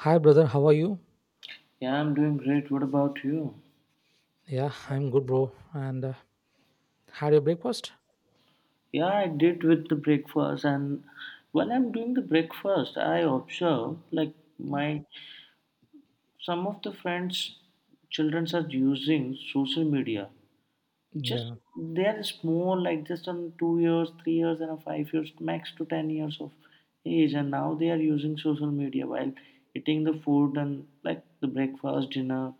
Hi, brother. How are you? Yeah, I'm doing great. What about you? Yeah, I'm good, bro. And had your breakfast? Yeah, I did with the breakfast, and while I'm doing the breakfast, I observe like my some of the friends' children are using social media. Just Yeah. they are small, like just on 2 years, 3 years, and a 5 years max to 10 years of age, and now they are using social media while eating the food and like the breakfast, dinner.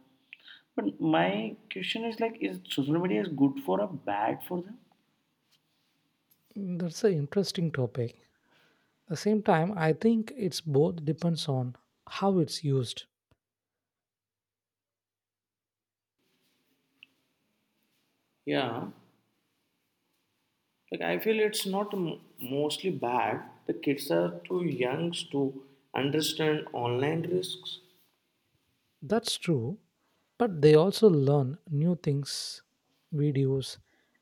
But my question is like, is social media is good for or bad for them? Mm, that's an interesting topic. At the same time, I think it's both depends on how it's used. Yeah. Like I feel it's not mostly bad. The kids are too young to understand online risks. That's true, but they also learn new things, videos,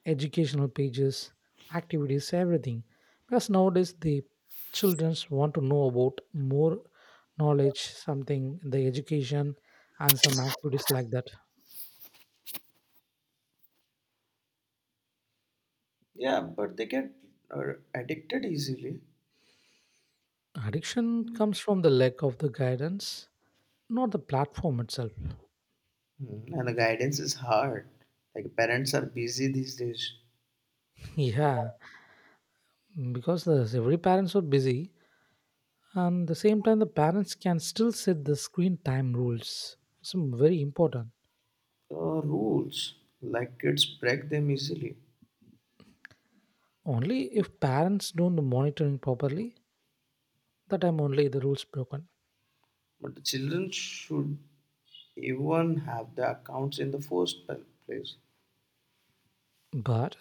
educational pages, activities, everything. Because nowadays the childrens want to know about more knowledge, something the education, and some activities like that. Yeah, but they get addicted easily. Addiction comes from the lack of the guidance, not the platform itself. Mm, and the guidance is hard. Like parents are busy these days. Yeah, because every parents are busy, and the same time the parents can still set the screen time rules. It's very important. Rules, like kids break them easily. Only if parents don't the monitoring properly, that time only the rules broken. But the children should even have the accounts in the first place. But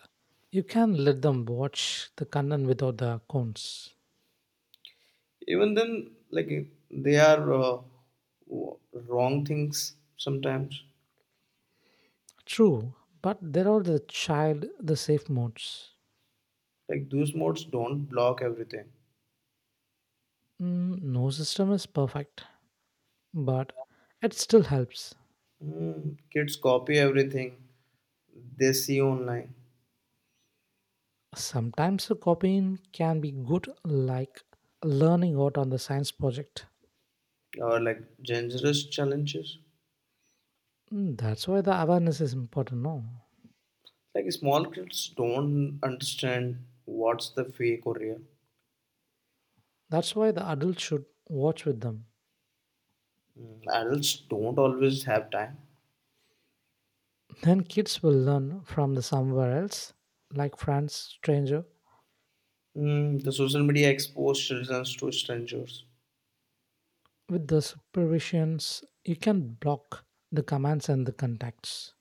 you can let them watch the content without the accounts. Even then, like they are wrong things sometimes. True, but there are the child the safe modes. Like those modes don't block everything. Mm, no system is perfect, but it still helps. Mm, kids copy everything they see online, Sometimes a copying can be good, like learning out on the science project. or like dangerous challenges. Mm, that's why the awareness is important, no? Like small kids don't understand what's the fake or real. That's why the adults should watch with them. Mm, adults don't always have time. Then kids will learn from the somewhere else, like friends, stranger. Mm, the social media exposed children to strangers. With the supervisions, you can block the commands and the contacts.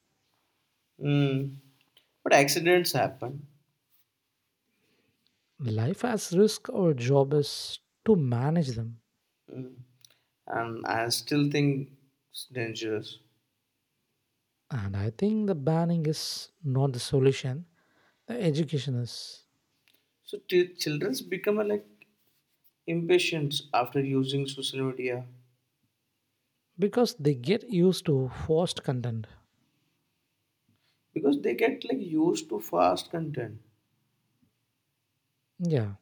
Mm, but accidents happen. Life has risk, or job is to manage them. Mm, and I still think it's dangerous. And I think the banning is not the solution. The educationists, So children become like impatient after using social media because they get used to forced content. because they get like used to fast content. Yeah,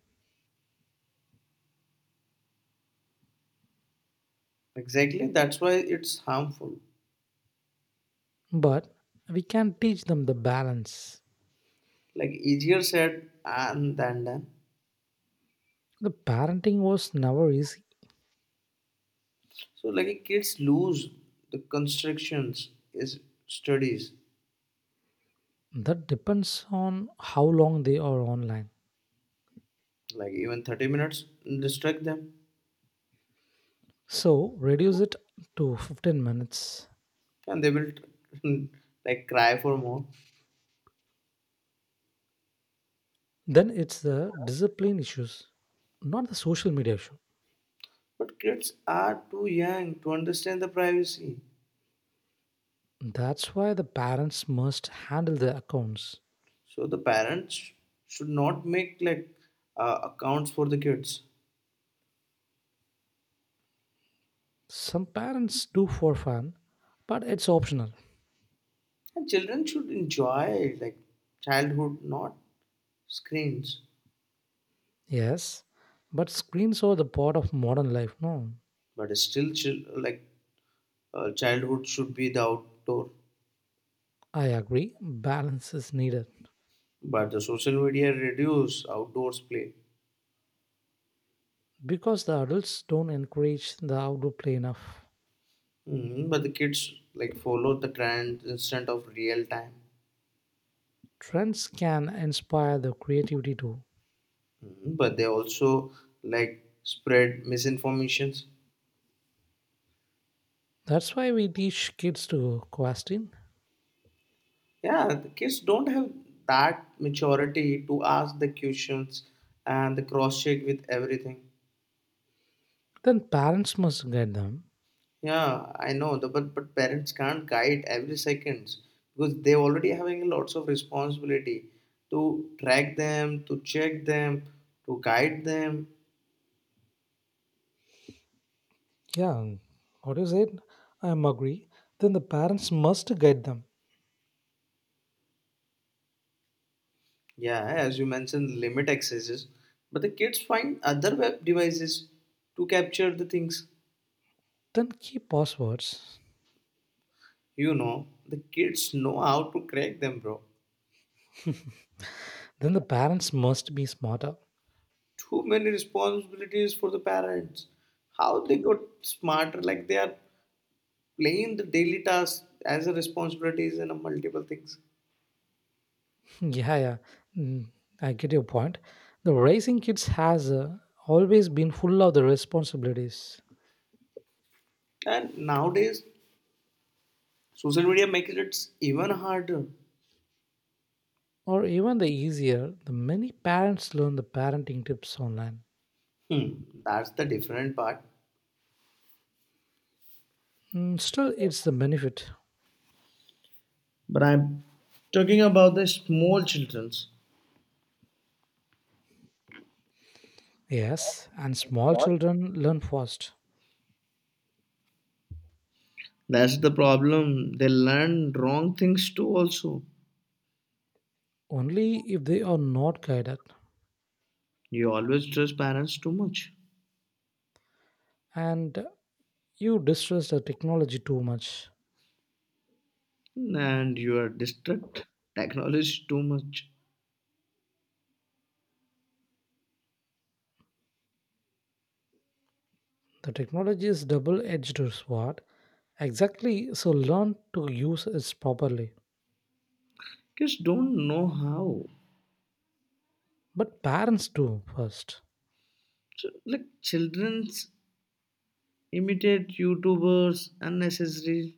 Exactly, that's why it's harmful. but we can teach them the balance. Like easier said and than done. The parenting was never easy. So like kids lose the constrictions is studies, That depends on how long they are online. like even 30 minutes distract them, So reduce it to 15 minutes. and they will like cry for more. Then it's the discipline issues, not the social media issue. But kids are too young to understand the privacy, That's why the parents must handle the accounts. so the parents should not make like accounts for the kids. Some parents do for fun, but it's optional. And children should enjoy like childhood, not screens. Yes, but screens are the part of modern life, no? But still like childhood should be the outdoor. I agree, balance is needed But the social media reduce outdoors play. because the adults don't encourage the outdoor play enough. Mhm, but the kids like follow the trend instead of real time. Trends can inspire the creativity too. Mhm, but they also like spread misinformations. That's why we teach kids to question. Yeah, the kids don't have that maturity to ask the questions and the cross check with everything. Then parents must guide them. Yeah, I know, the, but parents can't guide every seconds because they already having lots of responsibility to track them, to check them, to guide them. Yeah, what is it? I am agree. Then the parents must guide them. Yeah, as you mentioned, limit accesses, but the kids find other web devices to capture the things. Then keep passwords. You know, the kids know how to crack them, bro. Then the parents must be smarter. Too many responsibilities for the parents. How they got smarter? Like they are playing the daily tasks as a responsibilities and a multiple things. Yeah, yeah. Mm, I get your point. The raising kids has always been full of the responsibilities, And nowadays, social media makes it even harder. or even the easier. The many parents learn the parenting tips online. Hmm, that's the different part. Mm, still, it's the benefit. But I'm talking about the small childrens. Yes, and small children learn fast That's the problem. They learn wrong things too. Also, only if they are not guided. you always trust parents too much, And you distrust the technology too much. and you are distract technology too much. The technology is double-edged sword. Exactly. So learn to use it properly. Kids don't know how. But parents do first. So, like children imitate YouTubers unnecessary.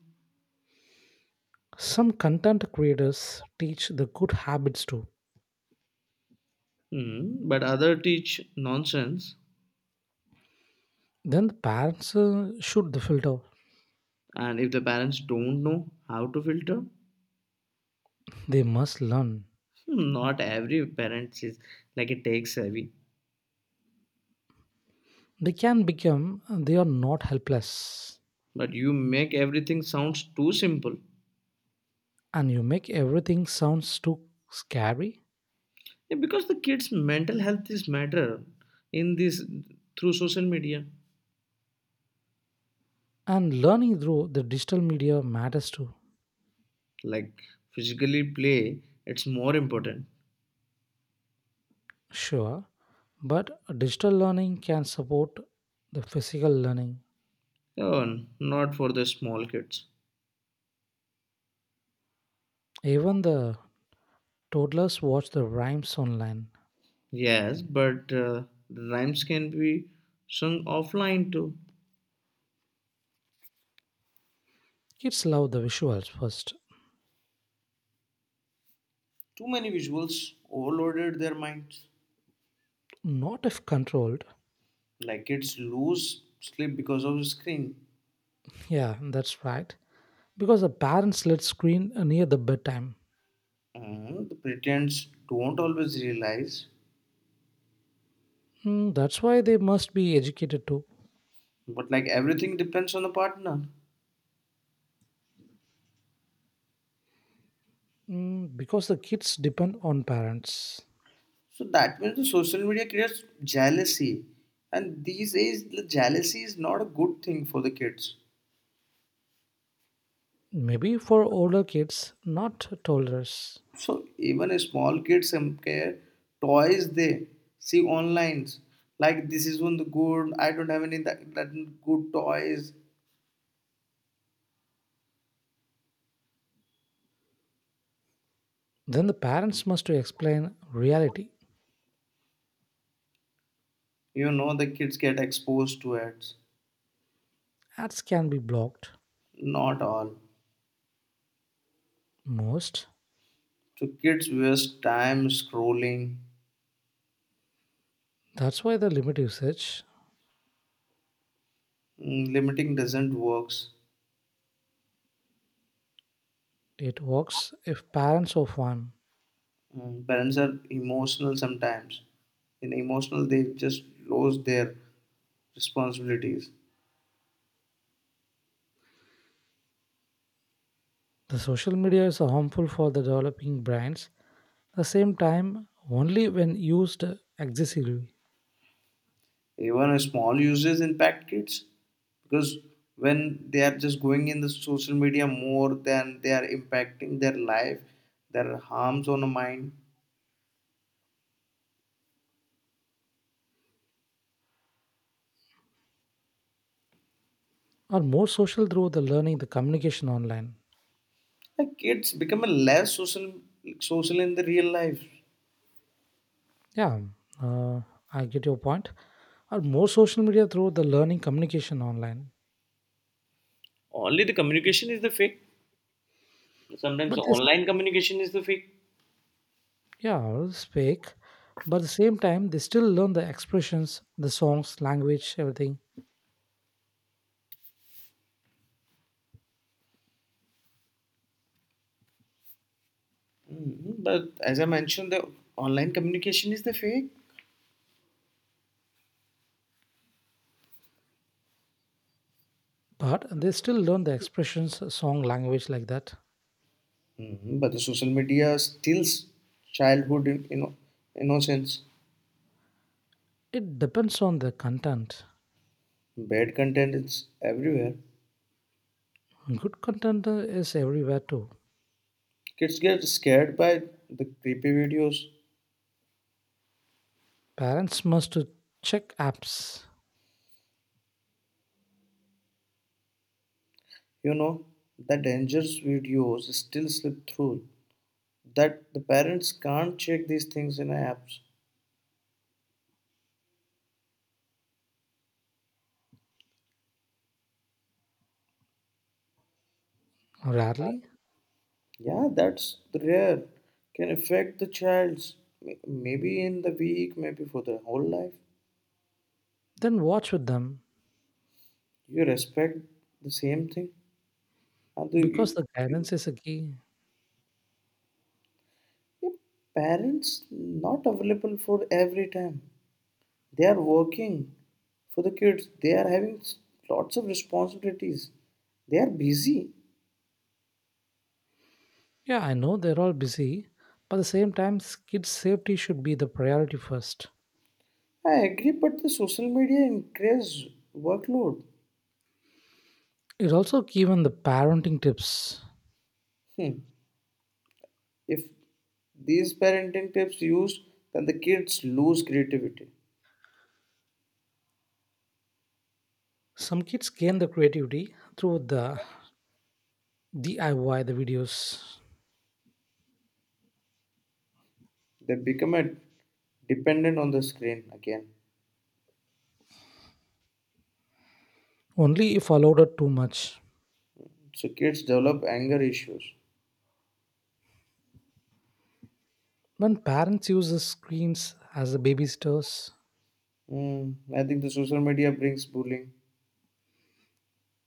Some content creators teach the good habits too. Hmm, but other teach nonsense. Then the parents shoot the filter. And if the parents don't know how to filter, They must learn. hmm, not every parent is like a tech savvy, They can become they are not helpless. but you make everything sounds too simple. And you make everything sounds too scary. Yeah, because the kids mental health is matter in this through social media. And learning through the digital media matters too. Like physically play it's more important. Sure, but digital learning can support the physical learning. Oh, not for the small kids. Even the toddlers watch the rhymes online. Yes, but the rhymes can be sung offline too. Kids love the visuals first. Too many visuals overloaded their minds. Not if controlled. Like kids lose sleep because of the screen. Yeah, that's right, because the parents let screen near the bedtime. The parents don't always realize, Mm, that's why they must be educated too. but like everything depends on the partner. Mm, because the kids depend on parents. So that means the social media creates jealousy, and these days the jealousy is not a good thing for the kids. Maybe for older kids, not toddlers. So even a small kids some care toys they see online, like this is one the good I don't have any that good toys. Then the parents must to explain reality. You know the kids get exposed to it. Ads can be blocked. Not all. Most. So kids waste time scrolling. That's why the limit usage. Mm, limiting doesn't works. It works if parents are harm. Mm, parents are emotional sometimes. In emotional, they just lose their responsibilities. The social media is harmful for the developing brains. At the same time, only when used excessively. Even a small uses impact kids because when they are just going in the social media more than they are impacting their life, there are harms on the mind. Are more social through the learning the communication online. Like kids become a less social social in the real life. Yeah, uh, I get your point. Are more social media through the learning communication online. Only the communication is the fake. Sometimes But the this, online communication is the fake. yeah, it's fake, but at the same time they still learn the expressions, the songs language everything. Mhm, but as I mentioned, the online communication is the fake. But they still learn the expressions, song language like that. Mhm, but the social media steals childhood, you know, innocence. It depends on the content. Bad content is everywhere. Good content is everywhere too. Kids get scared by the creepy videos. Parents must to check apps. You know, the dangerous videos still slip through. That the parents can't check these things in apps. Rarely. Yeah, that's rare. Can affect the child's maybe in the week, maybe for the whole life. Then watch with them. You respect the same thing. Uh, the, Because you, the you- guidance is a key. your parents not available for every time. They are working for the kids. They are having lots of responsibilities. They are busy. Yeah, I know they're all busy, but at the same time, kids' safety should be the priority first. I agree, but the social media increase workload. It's also given the parenting tips. Hmm. If these parenting tips used, then the kids lose creativity. Some kids gain the creativity through the DIY, the videos, They become a dependent on the screen again. only if allowed it too much. So kids develop anger issues. When parents use the screens as the babysitters Hmm. I think the social media brings bullying.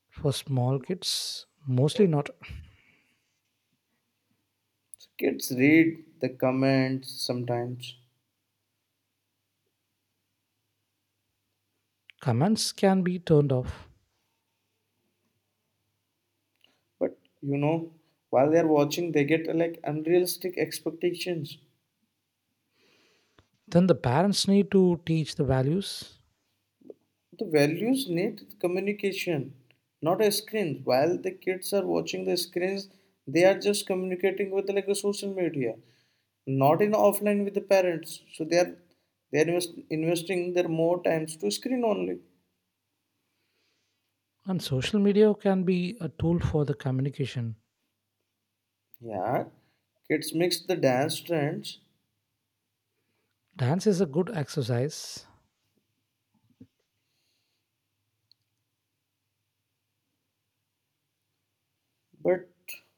for small kids, mostly not, So kids read the comments sometimes, comments can be turned off. but you know, while they're watching, they get like unrealistic expectations. Then the parents need to teach the values. The values need communication, not a screen. While the kids are watching the screens, they are just communicating with like a social media, not in offline with the parents. So they are they are investing their more times to screen only. And social media can be a tool for the communication. Yeah, kids mix the dance trends. Dance is a good exercise, But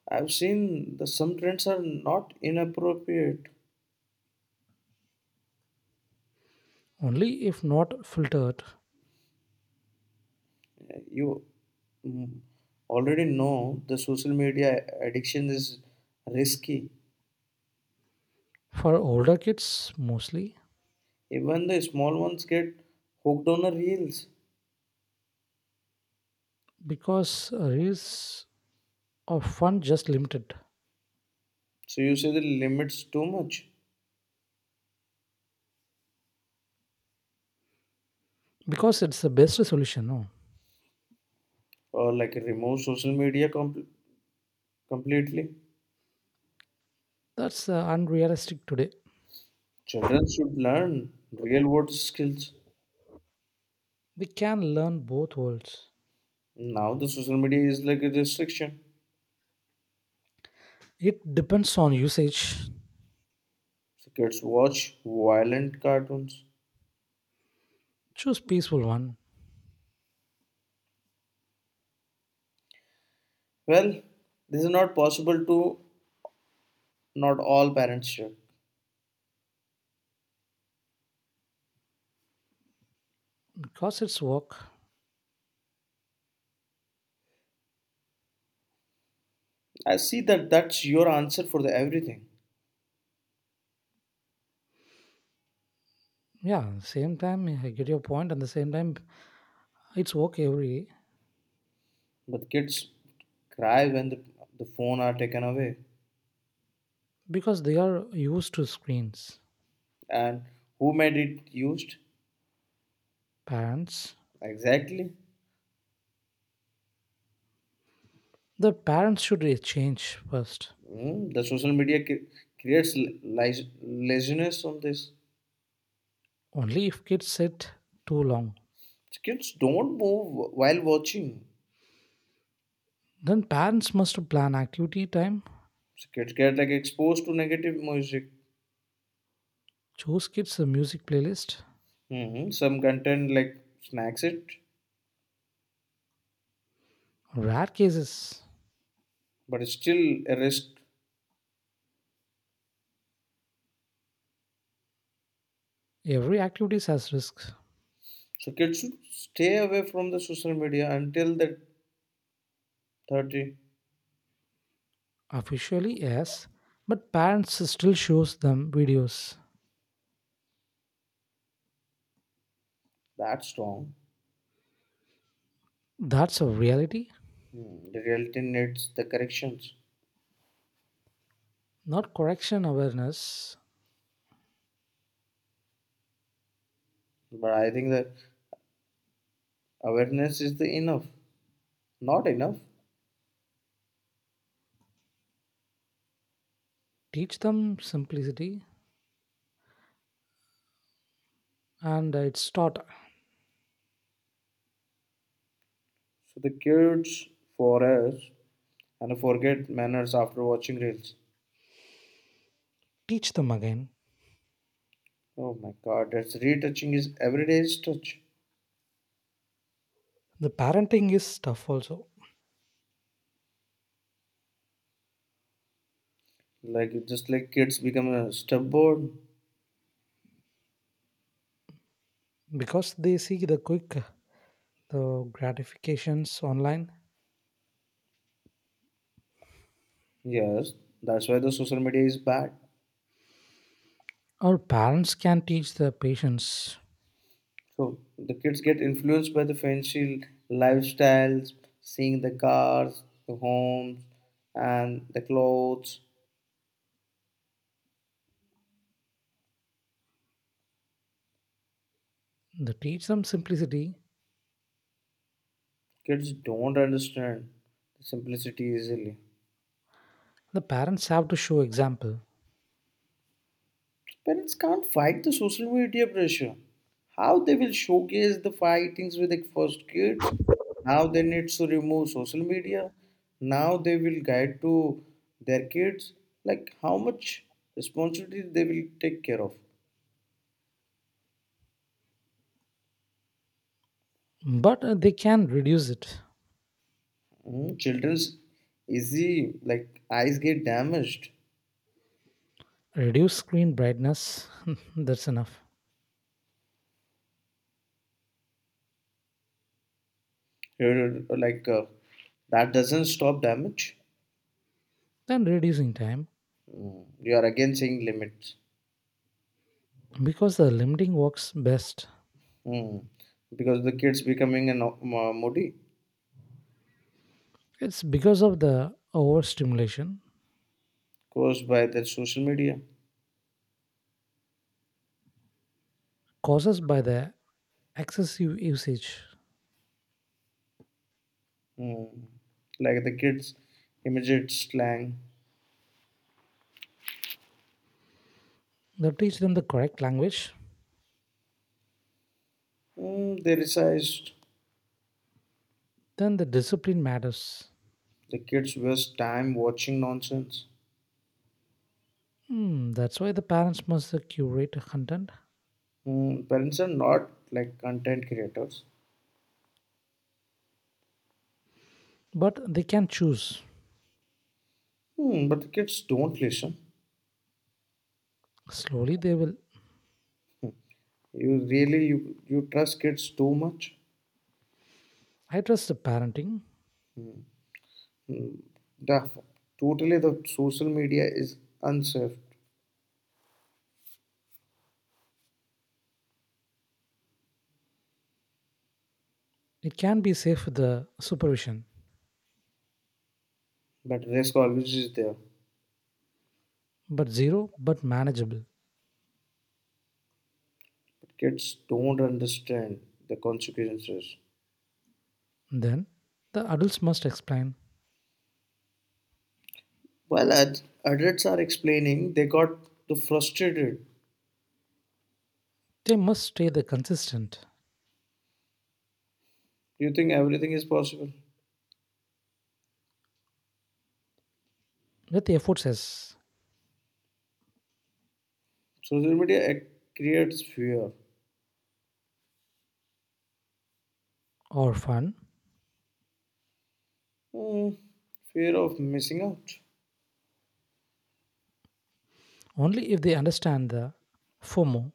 I've seen the some trends are not inappropriate. only if not filtered. You mm, already know the social media addiction is risky. For older kids, mostly, Even the small ones get hooked on the reels. because reels of fun just limited. So you say the limits too much, Because it's the best solution, no? or like remove social media completely. That's unrealistic today. Children should learn real world skills. We can learn both worlds. Now the social media is like a restriction. It depends on usage. So kids watch violent cartoons. Choose peaceful one Well, this is not possible to not all parents should. because it's work. I see that that's your answer for the everything. Yeah, same time I get your point, and the same time it's work every day But kids cry when the phone are taken away. because they are used to screens. And who made it used? Parents? Exactly. The parents should re- change first. Mm, the social media creates laziness on this. Only if kids sit too long. Kids don't move while watching. Then parents must plan activity time, So kids get like exposed to negative music. choose kids a music playlist. Hmm, some content like snacks it, Rare cases. but it's still a risk. Every activity has risks. So kids should stay away from the social media until they're 30. Officially, yes, but parents still shows them videos. That's wrong. That's a reality, Hmm, the reality needs the corrections. not correction awareness. But I think that awareness is not enough. Teach them simplicity and it's taught. So the kids for us and forget manners after watching reels. Teach them again. Oh my god, that's retouching is everyday's touch. The parenting is tough also Like just like kids become a stubborn. because they see the quick the gratifications online. Yes, that's why the social media is bad. Our parents can teach their patients, So the kids get influenced by the fancy lifestyles, seeing the cars, the homes, and the clothes. they teach them simplicity. Kids don't understand the simplicity easily. The parents have to show example, Parents can't fight the social media pressure. How they will showcase the fightings with the first kids? Now they need to remove social media. Now they will guide to their kids. Like how much responsibility they will take care of. but they can reduce it. Mm, children's easy like eyes get damaged. Reduce screen brightness, that's enough. You're- like that doesn't stop damage. Then reducing time You are again saying limits. because the limiting works best. Mm. Because the kids becoming an moody It's because of the overstimulation caused by their social media. causes by the excessive usage. Mm. Like the kids immediate slang. They teach them the correct language, Mm, they resized. then the discipline matters. The kids waste time watching nonsense. Hmm, that's why the parents must curate content Mm. Parents are not like content creators. but they can choose. Mm, but the kids don't listen. Slowly, they will. You really you trust kids too much. I trust the parenting. Hmm. The totally the social media is unsafe, It can be safe with the supervision, but risk always is there, but zero, but manageable. but kids don't understand the consequences. Then the adults must explain. While adults are explaining they got too frustrated. They must stay the consistent You think everything is possible. with the efforts as Social media creates fear. or fun. Hmm, fear of missing out. Only if they understand the FOMO,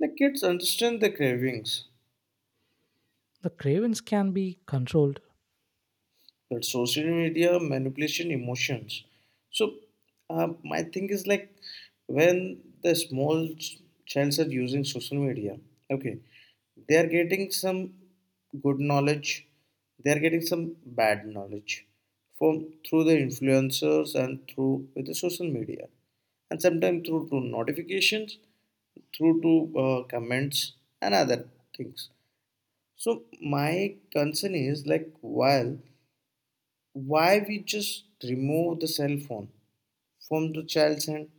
The kids understand the cravings, the cravings can be controlled that social media manipulation emotions. So my thing is like, when the small childs are using social media, okay, they are getting some good knowledge, they are getting some bad knowledge from through the influencers and through with the social media, and sometimes through to notifications, through to comments and other things. So my concern is like, while why we just remove the cell phone from the child's hand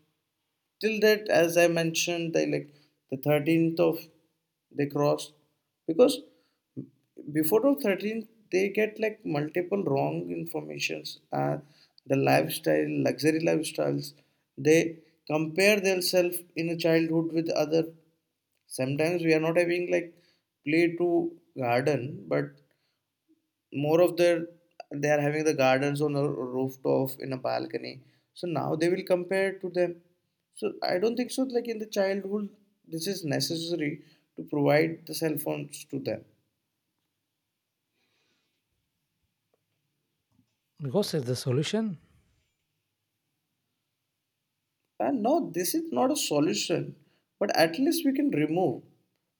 till that, as I mentioned they like the 13th of they crossed, because before the 13th they get like multiple wrong informations, the lifestyle luxury lifestyles, they compare themselves in a childhood with other. Sometimes we are not having like play to garden, but more of their, they are having the gardens on a rooftop in a balcony. So now they will compare to them. So I don't think so like in the childhood this is necessary to provide the cell phones to them. because it's the solution. And no, this is not a solution, but at least we can remove.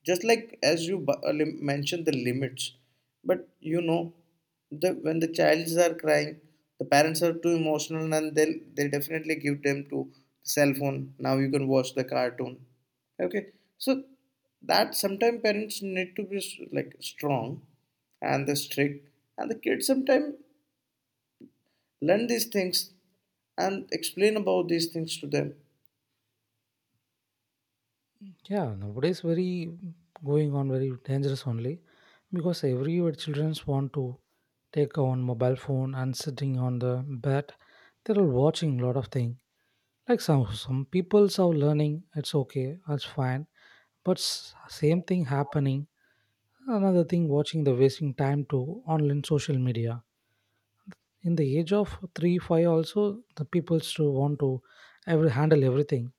Just like as you mentioned the limits, but you know, the when the childs are crying, the parents are too emotional, and they definitely give them to cell phone. Now you can watch the cartoon. Okay, so that sometimes parents need to be like strong and the strict, and the kids sometimes learn these things and explain about these things to them. Yeah, nowadays very going on very dangerous only because everywhere children want to take on mobile phone and sitting on the bed. They're all watching lot of thing. Like some people's are learning, it's okay, that's fine. But same thing happening. Another thing watching the wasting time to online social media in the age of three five also, the people still want to every handle everything,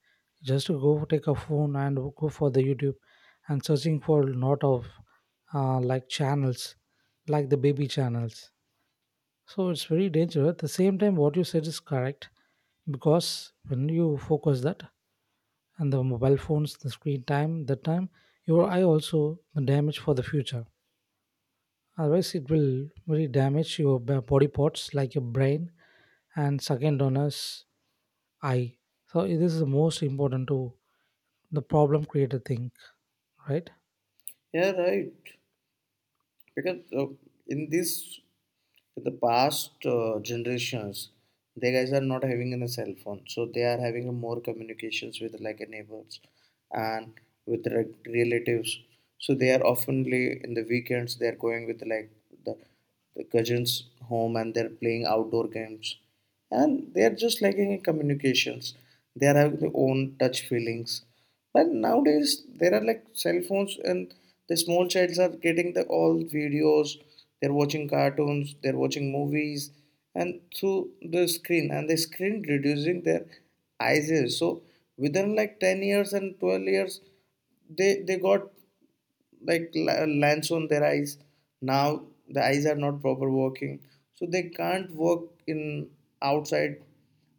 just to go take a phone and go for the youtube and searching for lot of like channels, like the baby channels. So it's very dangerous at the same time what you said is correct, because when you focus that and the mobile phones the screen time the time, your eye also damage for the future, otherwise it will really damage your body parts like your brain. And second one is I. So this is the most important to the problem creator think, right? Yeah, right. Because in this, in the past generations, they guys are not having a cell phone, so they are having more communications with like neighbors and with relatives. So they are oftenly in the weekends they are going with like the, the cousins home and they're playing outdoor games, and they are just lacking in communications. They are having their own touch feelings. But nowadays there are like cell phones and the small childs are getting the all videos, they're watching cartoons, they're watching movies and through the screen and the screen reducing their eyes. So within like 10 years and 12 years they got like lens on their eyes now the eyes are not proper working so they can't work in outside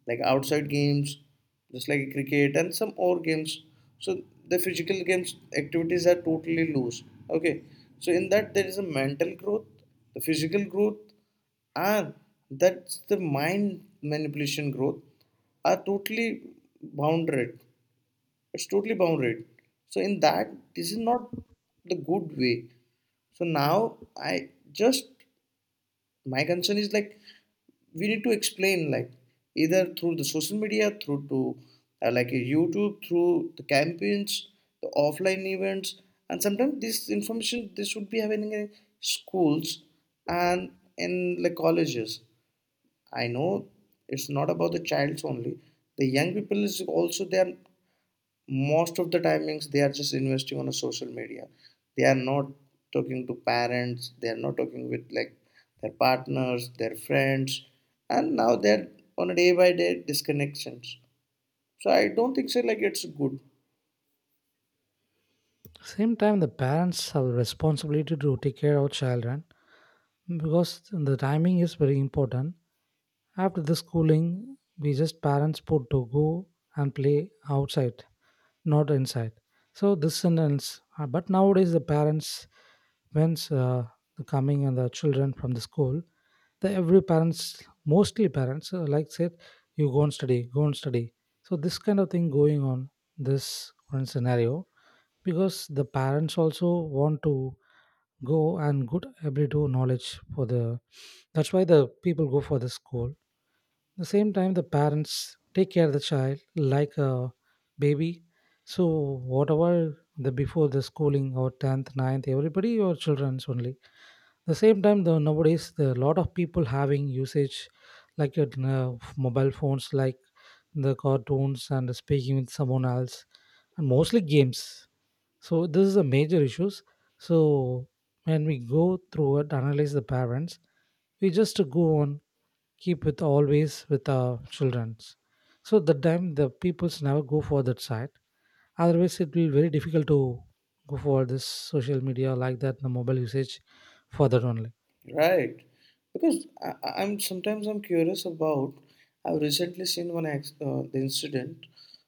like outside games just like cricket and some more games so the physical games activities are totally loose. Okay, so in that there is a mental growth, the physical growth, and that's the mind manipulation growth are totally bounded. It's totally bounded. So in that this is not the good way. So now I just, my concern is like we need to explain like either through the social media, through to like a youtube, through the campaigns, the offline events, and sometimes this information this should be happening in schools and in like colleges. I know it's not about the childs only, the young people is also there. Most of the timings they are just investing on a social media. They are not talking to parents, they are not talking with like their partners, their friends, and now they're on a day by day disconnections. So I don't think so like it's good. Same time, the parents have a responsibility to take care of children because the timing is very important. After the schooling, we just parents put to go and play outside not inside. So this and ends. But nowadays the parents, when's the coming and the children from the school, the every parents, mostly parents, like said, you go and study, go and study. So this kind of thing going on this current scenario because the parents also want to go and good ability to knowledge for the. That's why the people go for the school, the same time the parents take care of the child like a baby. So whatever the before the schooling or 10th ninth, everybody your children's only, the same time the nowadays the lot of people having usage like your mobile phones like the cartoons and speaking with someone else and mostly games. So this is a major issues. So when we go through it analyze the parents, we just go on keep with always with our children's. So the time the peoples never go for that side, otherwise it will be very difficult to go for this social media like that the mobile usage for that only. Right. Because I'm sometimes I'm curious about, I've recently seen one the incident.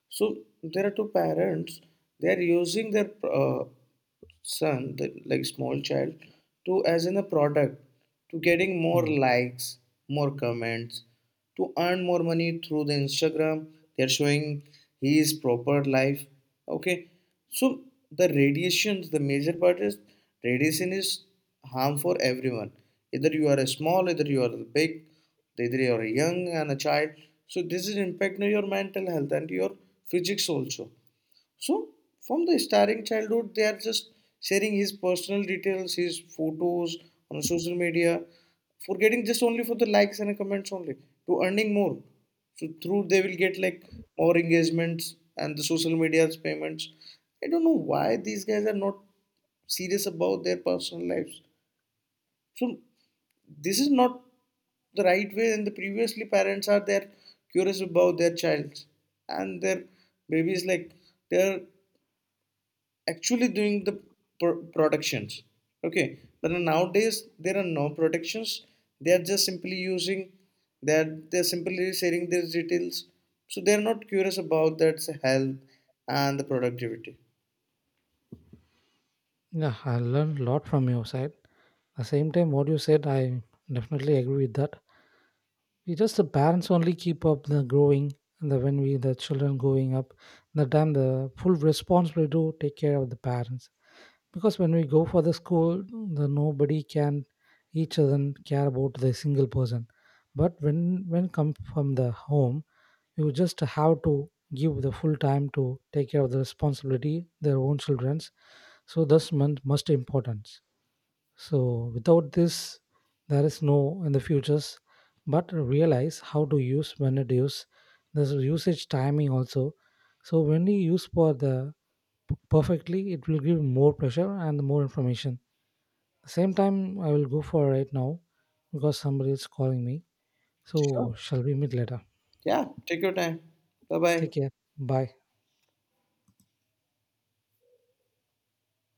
So there are two parents, they are using their son, the like small child, to as in a product, to getting more Mm. likes, more comments, to earn more money through the instagram. They're showing his proper life. Okay. So the radiations, the major part is radiation is harm for everyone, either you are a small, either you are big, either you are young and a child. So this is impact on your mental health and your physics also. So from the starting childhood, they are just sharing his personal details, his photos on social media, forgetting just only for the likes and comments only, to earning more. So through they will get like more engagements and the social media's payments. I don't know why these guys are not serious about their personal lives. So this is not the right way. And the previously parents are there curious about their child and their babies, like they're actually doing the productions. Okay, but nowadays there are no protections, they are just simply using that, they're simply sharing their details, so they're not curious about that health and the productivity. Yeah, I learned a lot from your side. The same time what you said I definitely agree with that. We just the parents only keep up the growing, and the when we the children growing up the time, the full responsibility to take care of the parents, because when we go for the school the nobody can each other care about the single person. But when come from the home, you just have to give the full time to take care of the responsibility their own children's. So this month must importance. So without this, there is no in the futures. But realize how to use when it use. There's a usage timing also. So when you use for the perfectly, it will give more pressure and more information. Same time, I will go for right now because somebody is calling me. So Sure. shall we meet later? Yeah, take your time. Bye bye. Take care. Bye.